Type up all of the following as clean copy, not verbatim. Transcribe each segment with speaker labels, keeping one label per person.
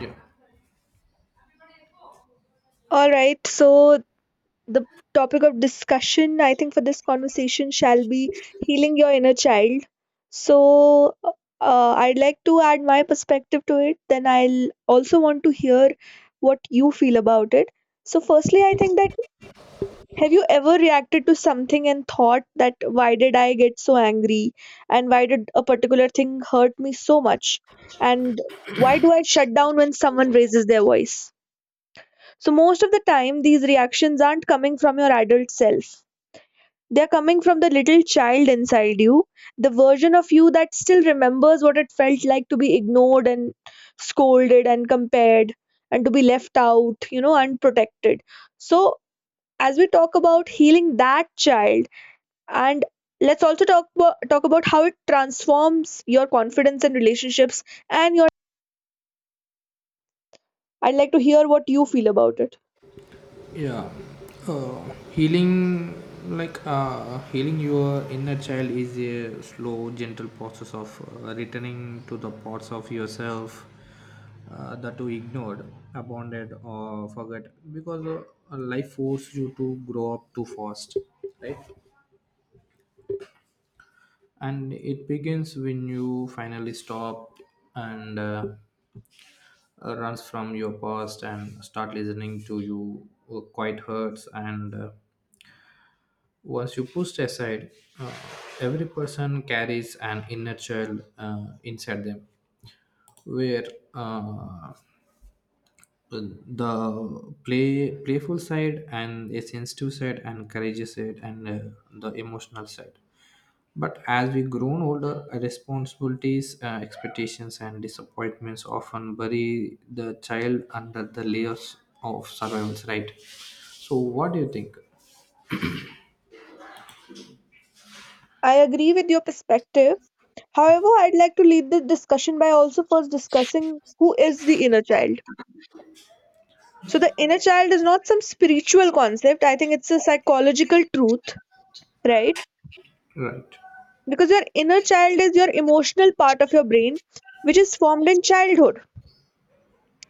Speaker 1: yeah
Speaker 2: All right, so the topic of discussion, I think, for this conversation shall be healing your inner child. So, I'd like to add my perspective to it, then I'll also want to hear what you feel about it. So, firstly, I think that have you ever reacted to something and thought that why did I get so angry and why did a particular thing hurt me so much and why do I shut down when someone raises their voice? So most of the time, these reactions aren't coming from your adult self. They're coming from the little child inside you, the version of you that still remembers what it felt like to be ignored and scolded and compared and to be left out, unprotected. So, as we talk about healing that child, and let's also talk about how it transforms your confidence and relationships and your. I'd like to hear what you feel about it.
Speaker 1: yeah uh, Healing, healing your inner child is a slow gentle process of returning to the parts of yourself that you ignored, abandoned, or forgot, because life forced you to grow up too fast, right? And it begins when you finally stop and runs from your past and start listening to you quite hurts and once you push aside. Uh, every person carries an inner child inside them, where uh, the playful side and a sensitive side and courageous side and the emotional side. But as we grown older, responsibilities, expectations, and disappointments often bury the child under the layers of survivals. Right. So, what do you think?
Speaker 2: I agree with your perspective. However, I'd like to lead the discussion by also first discussing who is the inner child. So, the inner child is not some spiritual concept, I think it's a psychological truth, right?
Speaker 1: Right.
Speaker 2: Because your inner child is your emotional part of your brain, which is formed in childhood.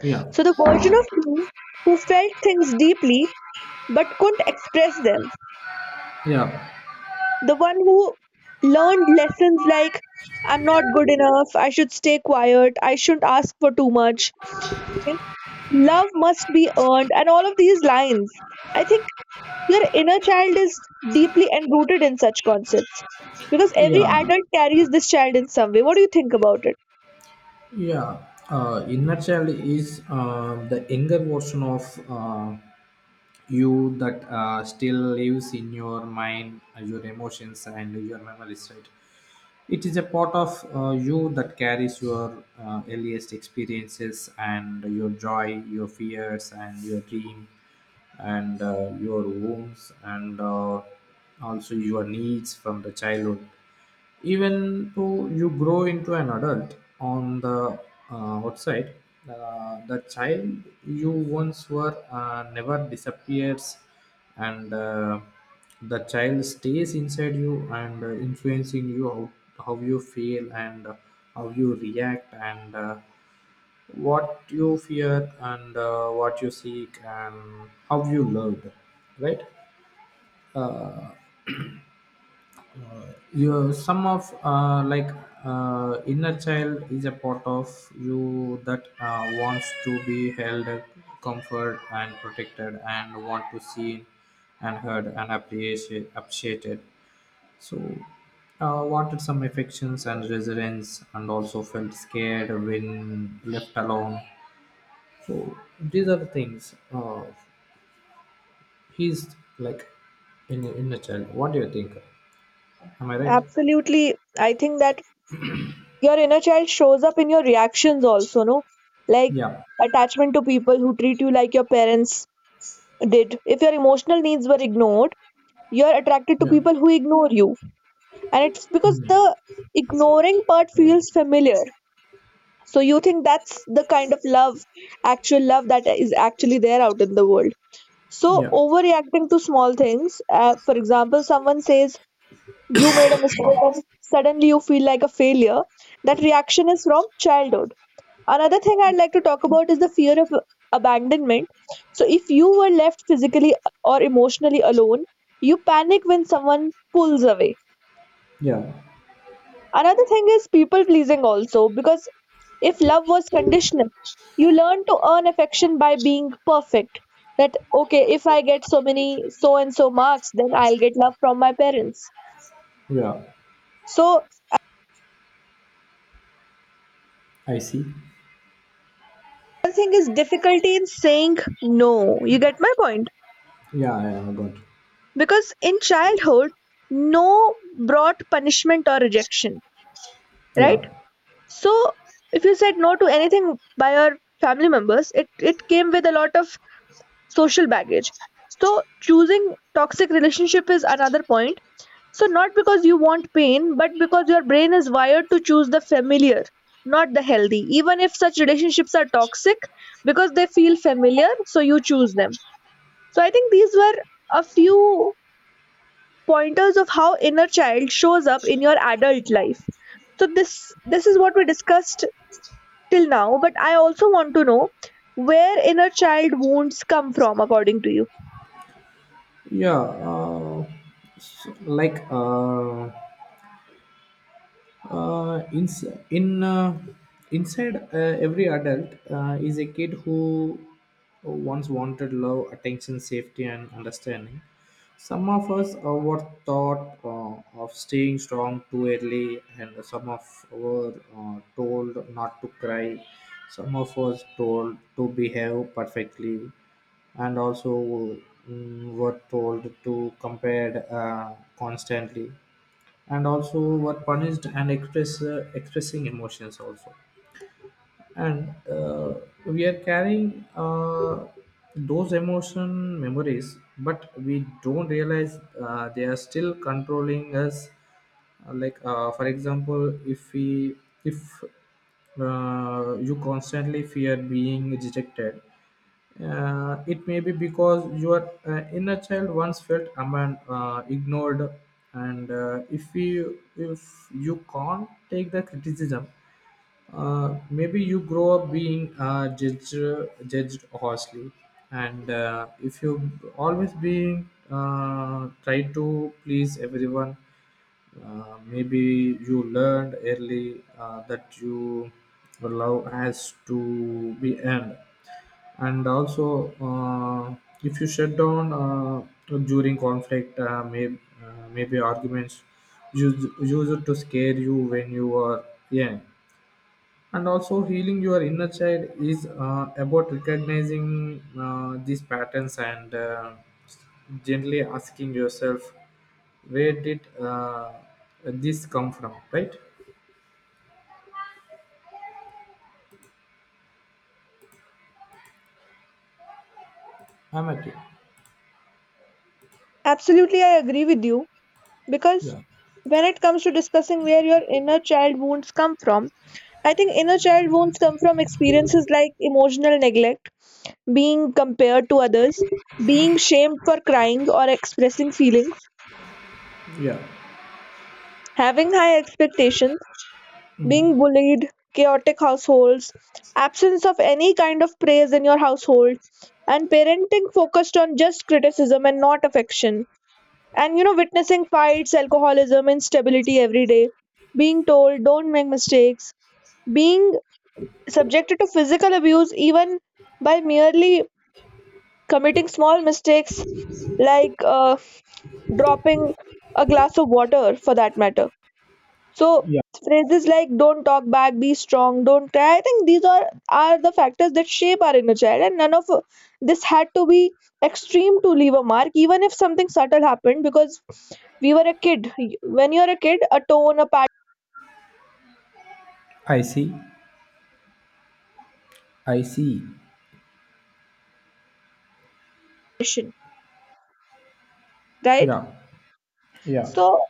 Speaker 1: Yeah.
Speaker 2: So, the version of you who felt things deeply but couldn't express them.
Speaker 1: Yeah.
Speaker 2: The one who learned lessons like, I'm not good enough, I should stay quiet, I shouldn't ask for too much, love must be earned, and all of these lines. I think your inner child is deeply enrooted in such concepts because every
Speaker 1: Yeah.
Speaker 2: adult carries this child in some way. What do you think about it?
Speaker 1: Yeah, inner child is the younger version of uh, you that still lives in your mind, your emotions, and your memories, right? It is a part of you that carries your earliest experiences and your joy, your fears, and your dream, and your wounds, and also your needs from the childhood. Even though you grow into an adult on the outside, the child you once were never disappears and the child stays inside you and influencing you how you feel and how you react and what you fear and what you seek and how you loved, right? uh, your some of like Inner child is a part of you that wants to be held, comfort and protected, and want to seen and heard and appreciated. So wanted some affections and resilience and also felt scared when left alone. So these are the things, he's like in inner child. What do you think? Am I right?
Speaker 2: Absolutely. I think that your inner child shows up in your reactions also, no? Like
Speaker 1: yeah
Speaker 2: attachment to people who treat you like your parents did. If your emotional needs were ignored, you're attracted to
Speaker 1: yeah
Speaker 2: people who ignore you. And it's because the
Speaker 1: Mm.
Speaker 2: ignoring part feels familiar. So you think that's the kind of love, actual love that is actually there out in the world. So
Speaker 1: Yeah,
Speaker 2: overreacting to small things, for example, someone says you made a mistake and suddenly you feel like a failure. That reaction is from childhood. Another thing I'd like to talk about is the fear of abandonment. So if you were left physically or emotionally alone, you panic when someone pulls away.
Speaker 1: yeah,
Speaker 2: Another thing is people pleasing also, because if love was conditional, you learn to earn affection by being perfect. That, okay, if I get so many, so and so marks, then I'll get love from my parents.
Speaker 1: yeah.
Speaker 2: So,
Speaker 1: I see.
Speaker 2: another thing is difficulty in saying no. You get my point?
Speaker 1: Yeah, yeah, I got.
Speaker 2: Because in childhood, no brought punishment or rejection, right?
Speaker 1: Yeah,
Speaker 2: So, if you said no to anything by your family members, it came with a lot of social baggage. So choosing toxic relationship is another point. So not because you want pain, but because your brain is wired to choose the familiar, not the healthy. Even if such relationships are toxic, because they feel familiar, so you choose them. So I think these were a few pointers of how inner child shows up in your adult life. So this is what we discussed till now, but I also want to know where inner child wounds come from according to you.
Speaker 1: yeah. S- like uh, in in Inside every adult is a kid who once wanted love, attention, safety, and understanding. Some of us were taught of staying strong too early, and some of were told not to cry. Some of us told to behave perfectly, and also were told to compare constantly and also were punished and express expressing emotions also, and we are carrying those emotion memories, but we don't realize they are still controlling us. For example, if we if you constantly fear being rejected, it may be because your inner child once felt ignored. And if you can't take the criticism, maybe you grow up being judged harshly, and if you always being try to please everyone, maybe you learned early that you love has to be earned. And also if you shut down during conflict, maybe arguments use use it to scare you when you are young. And also healing your inner child is about recognizing these patterns and gently asking yourself, where did this come from, right? I'm at you.
Speaker 2: Absolutely, I agree with you because
Speaker 1: Yeah.
Speaker 2: when it comes to discussing where your inner child wounds come from, I think inner child wounds come from experiences like emotional neglect, being compared to others, being shamed for crying or expressing feelings,
Speaker 1: Yeah.
Speaker 2: having high expectations,
Speaker 1: Mm.
Speaker 2: being bullied, chaotic households, absence of any kind of praise in your household, and parenting focused on just criticism and not affection. And you know witnessing fights, alcoholism, instability every day, being told don't make mistakes, being subjected to physical abuse even by merely committing small mistakes, like dropping a glass of water for that matter. So
Speaker 1: Yeah.
Speaker 2: phrases like "don't talk back," "be strong," "don't cry," I think these are the factors that shape our inner child, and none of this had to be extreme to leave a mark, even if something subtle happened, because we were a kid. When you're a kid, a tone, a
Speaker 1: I see. I see.
Speaker 2: passion, right?
Speaker 1: Yeah. Yeah.
Speaker 2: So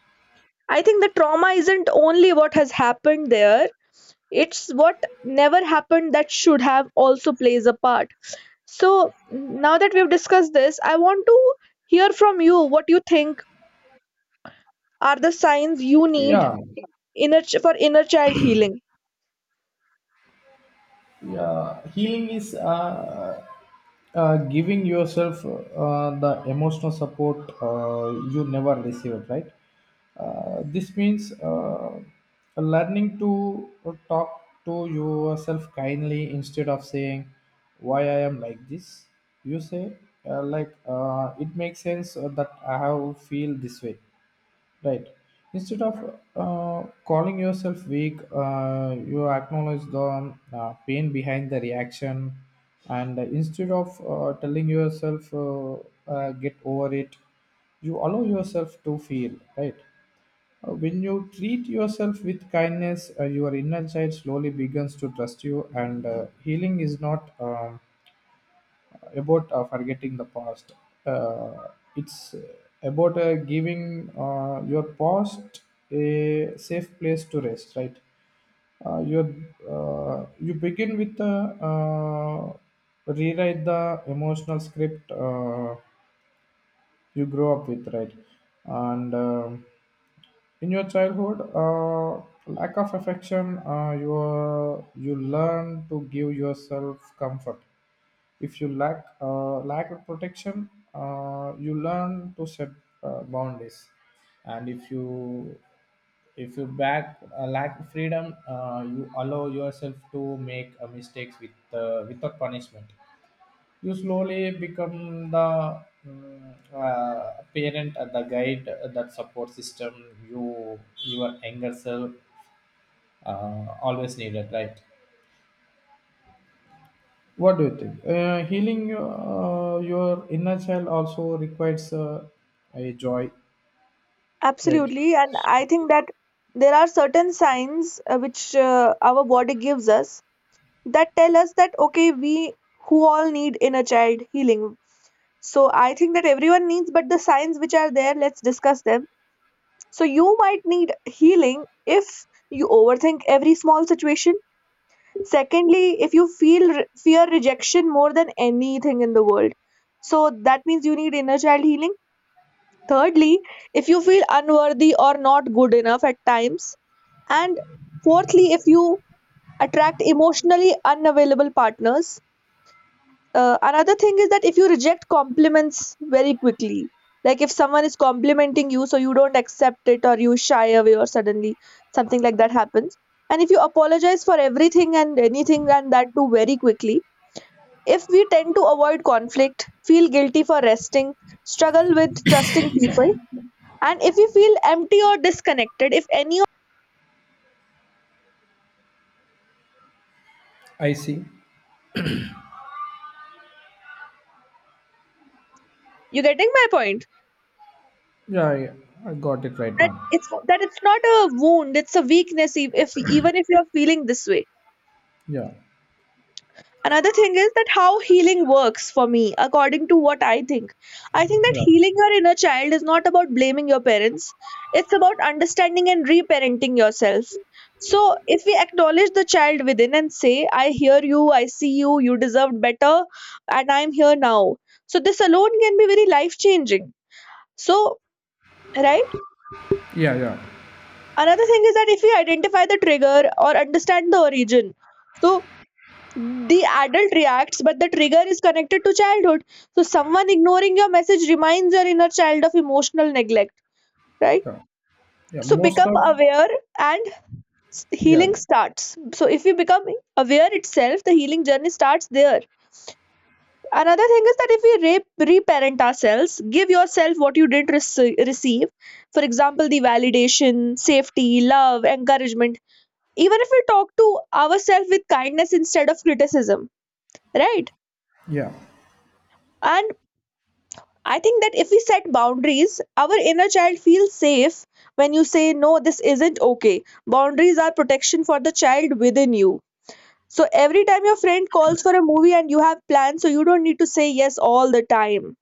Speaker 2: I think the trauma isn't only what has happened there; it's what never happened that should have also plays a part. So now that we've discussed this, I want to hear from you what you think are the signs you need
Speaker 1: Yeah.
Speaker 2: for inner child healing.
Speaker 1: Yeah, healing is giving yourself the emotional support you never received, right? This means learning to talk to yourself kindly instead of saying, why I am like this. You say, it makes sense that I have feel this way. Right. Instead of calling yourself weak, you acknowledge the pain behind the reaction, and instead of telling yourself, get over it, you allow yourself to feel. Right. When you treat yourself with kindness, your inner child slowly begins to trust you, and healing is not about forgetting the past. Uh, it's about giving your past a safe place to rest, right? Uh, your you begin with rewrite the emotional script you grow up with, right? And in your childhood lack of affection, you learn to give yourself comfort. If you lack lack of protection, you learn to set boundaries. And if you back lack freedom, you allow yourself to make mistakes with without punishment. You slowly become the parent, the guide, that support system you your younger self always needed, right? What do you think? Healing your inner child also requires a joy, right?
Speaker 2: Absolutely, and I think that there are certain signs which our body gives us that tell us that okay, we who all need inner child healing. So I think that everyone needs, but the signs which are there, let's discuss them. So you might need healing if you overthink every small situation. Secondly, if you feel fear rejection more than anything in the world. So that means you need inner child healing. Thirdly, if you feel unworthy or not good enough at times. And fourthly, if you attract emotionally unavailable partners. Uh, another thing is that if you reject compliments very quickly, like if someone is complimenting you so you don't accept it or you shy away or suddenly something like that happens, and if you apologize for everything and anything and that too very quickly, if we tend to avoid conflict, feel guilty for resting, struggle with trusting people, and if you feel empty or disconnected, if any of
Speaker 1: I see.
Speaker 2: you getting my point,
Speaker 1: Yeah, yeah, I got it right
Speaker 2: that
Speaker 1: now.
Speaker 2: it's not a wound, it's a weakness, if even if you are feeling this way.
Speaker 1: Yeah,
Speaker 2: Another thing is that how healing works for me according to what I think, I think that
Speaker 1: yeah,
Speaker 2: healing your inner child is not about blaming your parents, it's about understanding and reparenting yourself. So if we acknowledge the child within and say, I hear you, I see you, you deserved better, and I'm here now, so this alone can be very life changing. So, right.
Speaker 1: yeah, yeah,
Speaker 2: Another thing is that if we identify the trigger or understand the origin, so the adult reacts but the trigger is connected to childhood. So someone ignoring your message reminds your inner child of emotional neglect, right?
Speaker 1: yeah, yeah.
Speaker 2: So
Speaker 1: Most
Speaker 2: become
Speaker 1: of
Speaker 2: aware and
Speaker 1: yeah,
Speaker 2: healing starts, so if you become aware itself the healing journey starts there. Another thing is that if we reparent ourselves, give yourself what you didn't receive, for example the validation, safety, love, encouragement, even if we talk to ourselves with kindness instead of criticism, right?
Speaker 1: yeah,
Speaker 2: And I think that if we set boundaries, our inner child feels safe. When you say, no, this isn't okay. Boundaries are protection for the child within you. So every time your friend calls for a movie and you have plans, so you don't need to say yes all the time.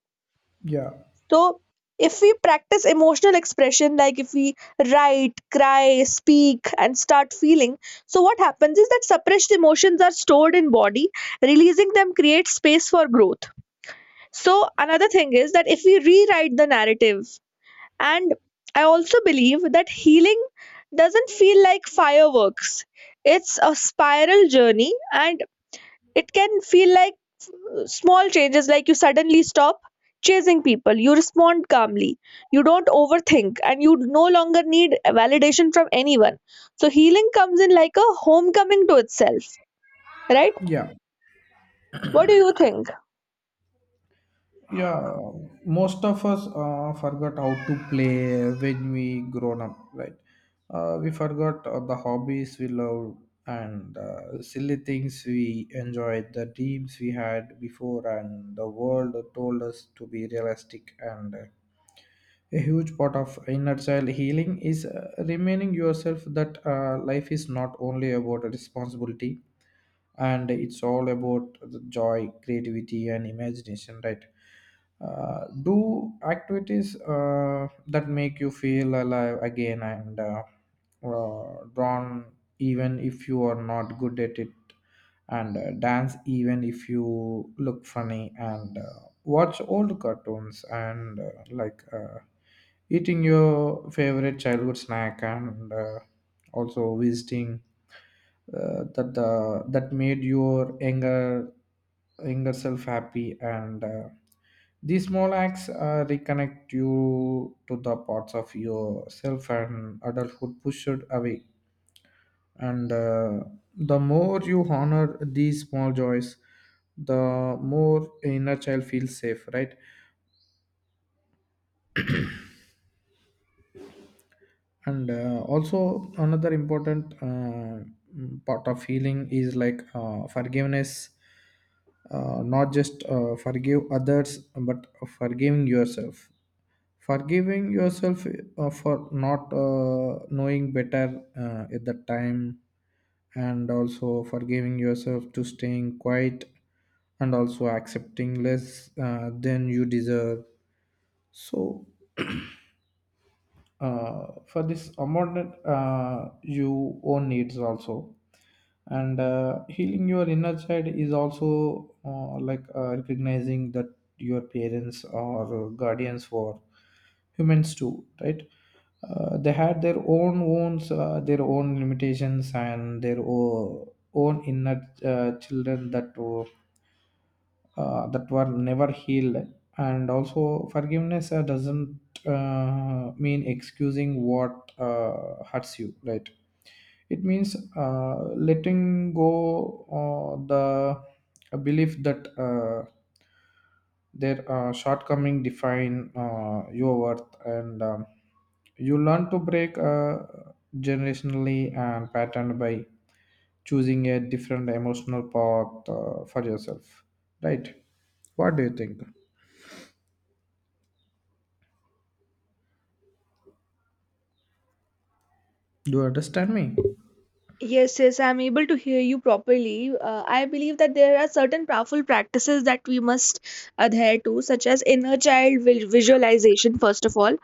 Speaker 1: yeah,
Speaker 2: So if we practice emotional expression, like if we write, cry, speak, and start feeling, so what happens is that suppressed emotions are stored in body. Releasing them creates space for growth. So another thing is that if we rewrite the narrative, and I also believe that healing doesn't feel like fireworks. It's a spiral journey and it can feel like small changes, like you suddenly stop chasing people, you respond calmly, you don't overthink, and you no longer need validation from anyone. So, healing comes in like a homecoming to itself, right?
Speaker 1: yeah.
Speaker 2: What do you think?
Speaker 1: yeah Most of us forgot how to play when we grown up, right? We forgot the hobbies we loved and silly things we enjoyed, the dreams we had before and the world told us to be realistic. And a huge part of inner child healing is remaining yourself that life is not only about responsibility and it's all about the joy, creativity, and imagination, right? Do activities that make you feel alive again. And drawn, even if you are not good at it, and dance, even if you look funny, and watch old cartoons, and eating your favorite childhood snack, and also visiting that that made your younger self happy. And these small acts reconnect you to the parts of yourself and adulthood pushed away. And the more you honor these small joys, the more inner child feels safe, right? And also another important part of healing is forgiveness. Not just forgive others, but forgiving yourself, forgiving yourself for not knowing better at the time, and also forgiving yourself to staying quiet, and also accepting less than you deserve. So for this amount you own needs also. And healing your inner child is also recognizing that your parents or guardians were humans too, right? They had their own wounds, their own limitations, and their own inner children that were never healed. And also, forgiveness doesn't mean excusing what hurts you, right? It means letting go the a belief that their shortcoming define your worth. And you learn to break generationally and pattern by choosing a different emotional path for yourself, right? What do you think? Do you understand me?
Speaker 2: Yes, yes, I'm able to hear you properly. I believe that there are certain powerful practices that we must adhere to, such as inner child visualization, first of all,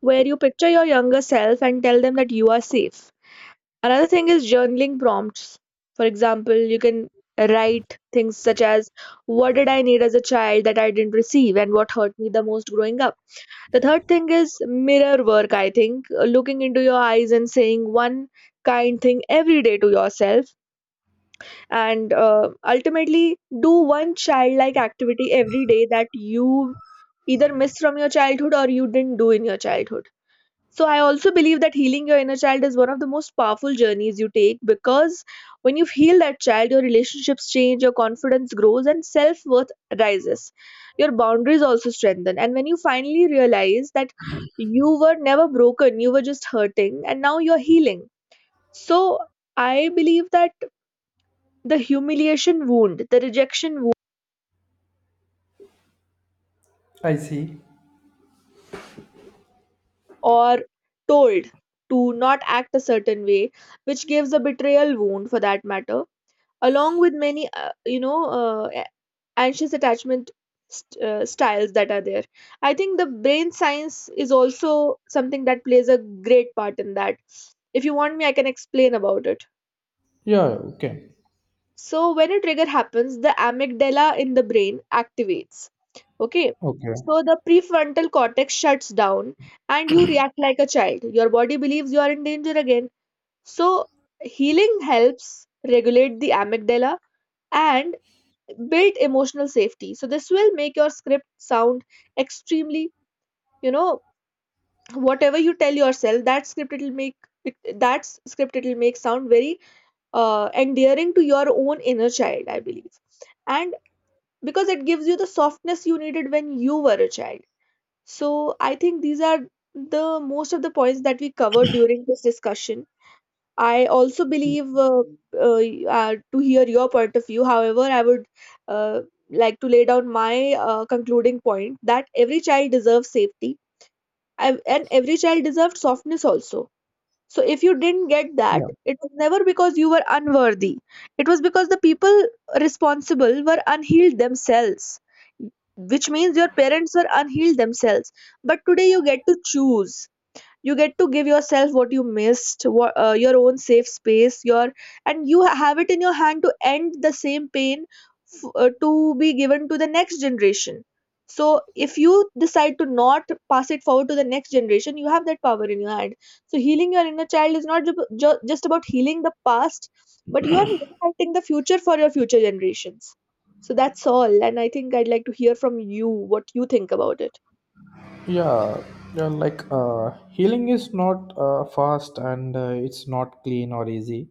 Speaker 2: where you picture your younger self and tell them that you are safe. Another thing is journaling prompts. For example, you can write things such as, what did I need as a child that I didn't receive, and what hurt me the most growing up? The third thing is mirror work, I think. Looking into your eyes and saying one kind thing every day to yourself. And ultimately, do one childlike activity every day that you either missed from your childhood or you didn't do in your childhood. So I also believe that healing your inner child is one of the most powerful journeys you take because when you heal that child, your relationships change, your confidence grows, and self worth rises. Your boundaries also strengthen. And when you finally realize that you were never broken, you were just hurting, and now you're healing. So I believe that the humiliation wound, the rejection wound,
Speaker 1: I see.
Speaker 2: or told to not act a certain way, which gives a betrayal wound for that matter along with many anxious attachment styles that are there. I think the brain science is also something that plays a great part in that. If you want me, I can explain about it.
Speaker 1: Yeah, okay.
Speaker 2: So when a trigger happens, the amygdala in the brain activates, okay.
Speaker 1: Okay.
Speaker 2: So the prefrontal cortex shuts down and you react like a child. Your body believes you are in danger again. So healing helps regulate the amygdala and build emotional safety. So this will make your script sound extremely, you know, whatever you tell yourself, that script, it'll make it, that script it'll make sound very endearing to your own inner child, I believe, and because it gives you the softness you needed when you were a child. So I think these are the most of the points that we covered during this discussion. I also believe uh, to hear your point of view. However, I would uh, like to lay down my concluding point that every child deserves safety and every child deserves softness also. So, if you didn't get that,
Speaker 1: Yeah.
Speaker 2: it was never because you were unworthy. It was because the people responsible were unhealed themselves, which means your parents were unhealed themselves. But today you get to choose. You get to give yourself what you missed, what, your own safe space, your, and you have it in your hand to end the same pain to be given to the next generation. So if you decide to not pass it forward to the next generation, you have that power in your hand. So healing your inner child is not just about healing the past, but you are impacting the future for your future generations. So that's all, and I think I'd like to hear from you what you think about it.
Speaker 1: Yeah. Healing is not fast and it's not clean or easy.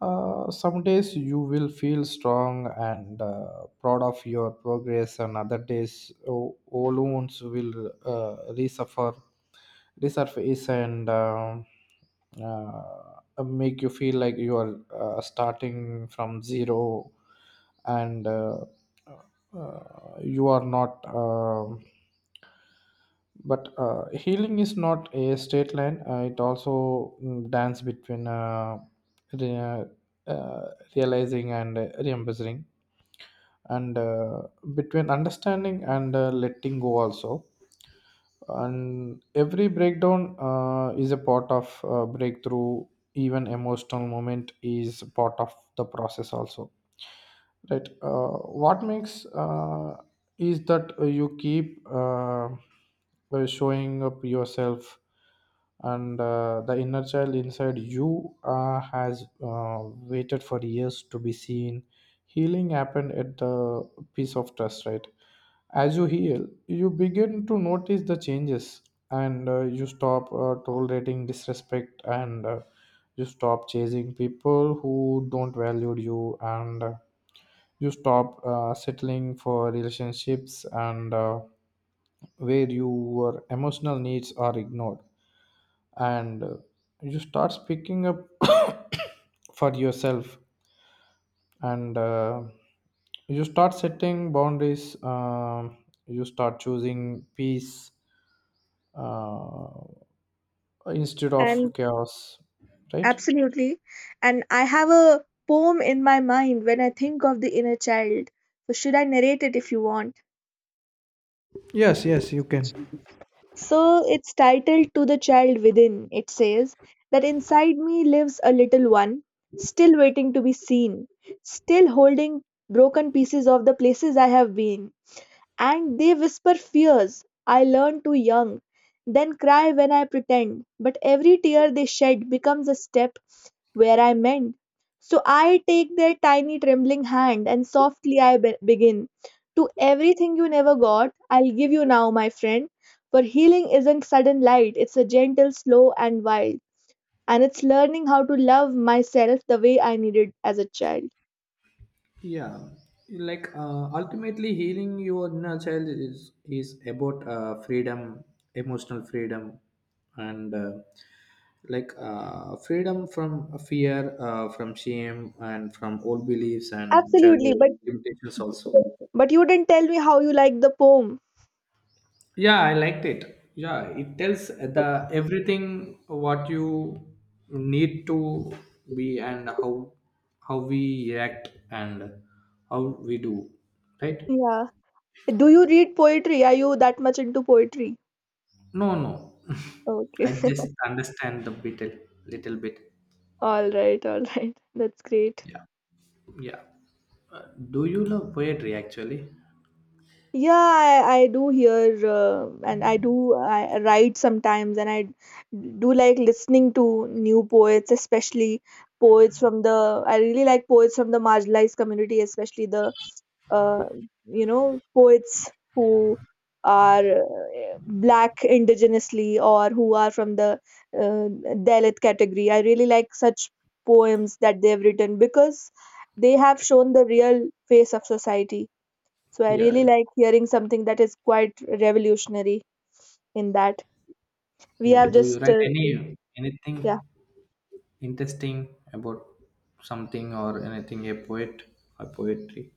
Speaker 1: Some days you will feel strong and proud of your progress, and other days old wounds will resuffer resurface, and make you feel like you are starting from zero, and you are not. But healing is not a straight line. It also dance between re- uh, realizing and remembering, and between understanding and letting go also. And every breakdown is a part of breakthrough. Even emotional moment is part of the process also. Right. What makes is that you keep showing up yourself, and the inner child inside you has waited for years to be seen. Healing happened at the piece of trust, right? As you heal, you begin to notice the changes, and you stop tolerating disrespect, and you stop chasing people who don't value you, and you stop settling for relationships and where your emotional needs are ignored, and you start speaking up for yourself, and you start setting boundaries, you start choosing peace uh, instead of chaos, right?
Speaker 2: Absolutely. And I have a poem in my mind when I think of the inner child. So, should I narrate it if you want?
Speaker 1: Yes, yes, you can.
Speaker 2: So, it's titled To the Child Within. It says that inside me lives a little one, still waiting to be seen, still holding broken pieces of the places I have been, and they whisper fears I learned too young, then cry when I pretend. But every tear they shed becomes a step where I mend. So I take their tiny trembling hand and softly I begin. To everything you never got, I'll give you now, my friend. For healing isn't sudden light, it's a gentle, slow, and wild. And it's learning how to love myself the way I needed as a child.
Speaker 1: Yeah, ultimately healing your inner child is about freedom, emotional freedom, and freedom from fear, from shame, and from old beliefs and
Speaker 2: Absolutely,
Speaker 1: childhood
Speaker 2: but
Speaker 1: limitations also.
Speaker 2: you didn't tell me how you like the poem.
Speaker 1: Yeah, I liked it. Yeah, it tells the everything what you need to be, and how we react and how we do, right?
Speaker 2: Yeah. Do you read poetry? Are you that much into poetry?
Speaker 1: No, no.
Speaker 2: Okay.
Speaker 1: I just understand the bit a little bit.
Speaker 2: All right, all right. That's great.
Speaker 1: Yeah, yeah. Uh, do you love poetry actually?
Speaker 2: Yeah, I do hear and I write sometimes, and I do like listening to new poets, especially poets from the I really like poets from the marginalized community, especially the uh, poets who are black indigenously, or who are from the Dalit category. I really like such poems that they have written because they have shown the real face of society. So I
Speaker 1: Yeah,
Speaker 2: really
Speaker 1: yeah.
Speaker 2: like hearing something that is quite revolutionary in that. We have
Speaker 1: Mm, do you
Speaker 2: just,
Speaker 1: write any anything
Speaker 2: yeah,
Speaker 1: interesting about something or anything a poet or poetry?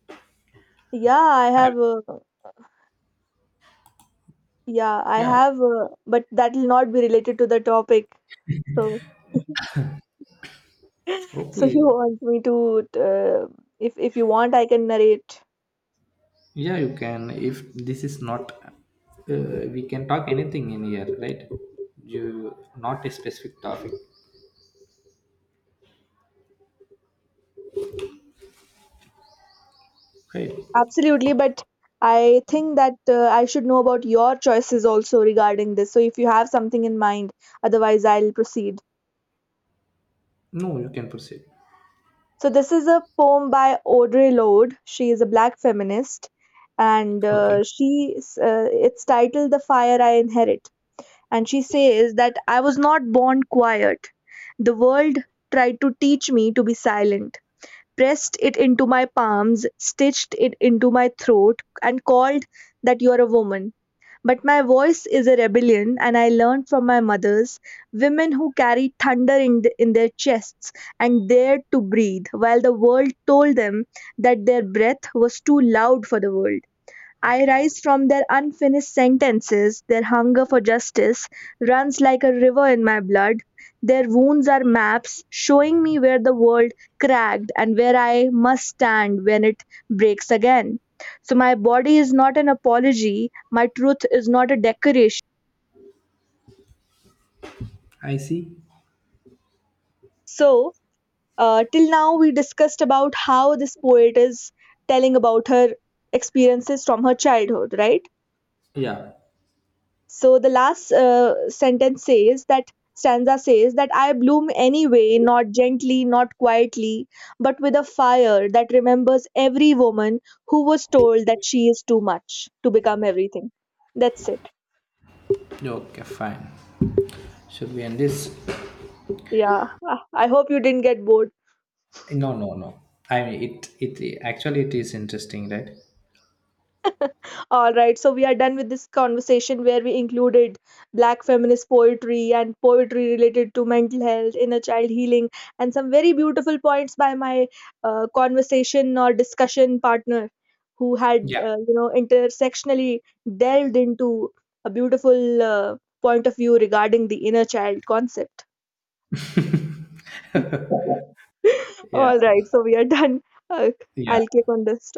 Speaker 2: yeah, I
Speaker 1: Have
Speaker 2: have, uh, yeah, I
Speaker 1: yeah.
Speaker 2: have, but that will not be related to the topic. So,
Speaker 1: Okay.
Speaker 2: you want me to, if you want, I can narrate.
Speaker 1: Yeah, you can. If this is not, we can talk anything in here, right? You not a specific topic, right?
Speaker 2: Absolutely, but I think that I should know about your choices also regarding this. So if you have something in mind, otherwise I'll proceed.
Speaker 1: No, you can proceed.
Speaker 2: So this is a poem by Audre Lorde. She is a black feminist, and
Speaker 1: Okay.
Speaker 2: she it's titled "The Fire I Inherit." And she says that I was not born quiet. The world tried to teach me to be silent, pressed it into my palms, stitched it into my throat, and called that you're a woman. But my voice is a rebellion, and I learned from my mothers, women who carried thunder in their chests and dared to breathe, while the world told them that their breath was too loud for the world. I rise from their unfinished sentences. Their hunger for justice runs like a river in my blood. Their wounds are maps showing me where the world cracked and where I must stand when it breaks again. So, my body is not an apology, my truth is not a decoration.
Speaker 1: I see.
Speaker 2: So, till now, we discussed about how this poet is telling about her experiences from her childhood, right?
Speaker 1: Yeah.
Speaker 2: So the last sentence says that stanza says that I bloom anyway, not gently, not quietly, but with a fire that remembers every woman who was told that she is too much to become everything. That's it.
Speaker 1: Okay, fine. Should we end this?
Speaker 2: Yeah, I hope you didn't get bored.
Speaker 1: No, no, no. I mean, it actually it is interesting, right?
Speaker 2: All right, so we are done with this conversation where we included black feminist poetry and poetry related to mental health, inner child healing, and some very beautiful points by my conversation or discussion partner who had,
Speaker 1: Yeah.
Speaker 2: intersectionally delved into a beautiful point of view regarding the inner child concept.
Speaker 1: Yeah.
Speaker 2: All right, so we are done. Uh, I'll keep
Speaker 1: Yeah.
Speaker 2: on this.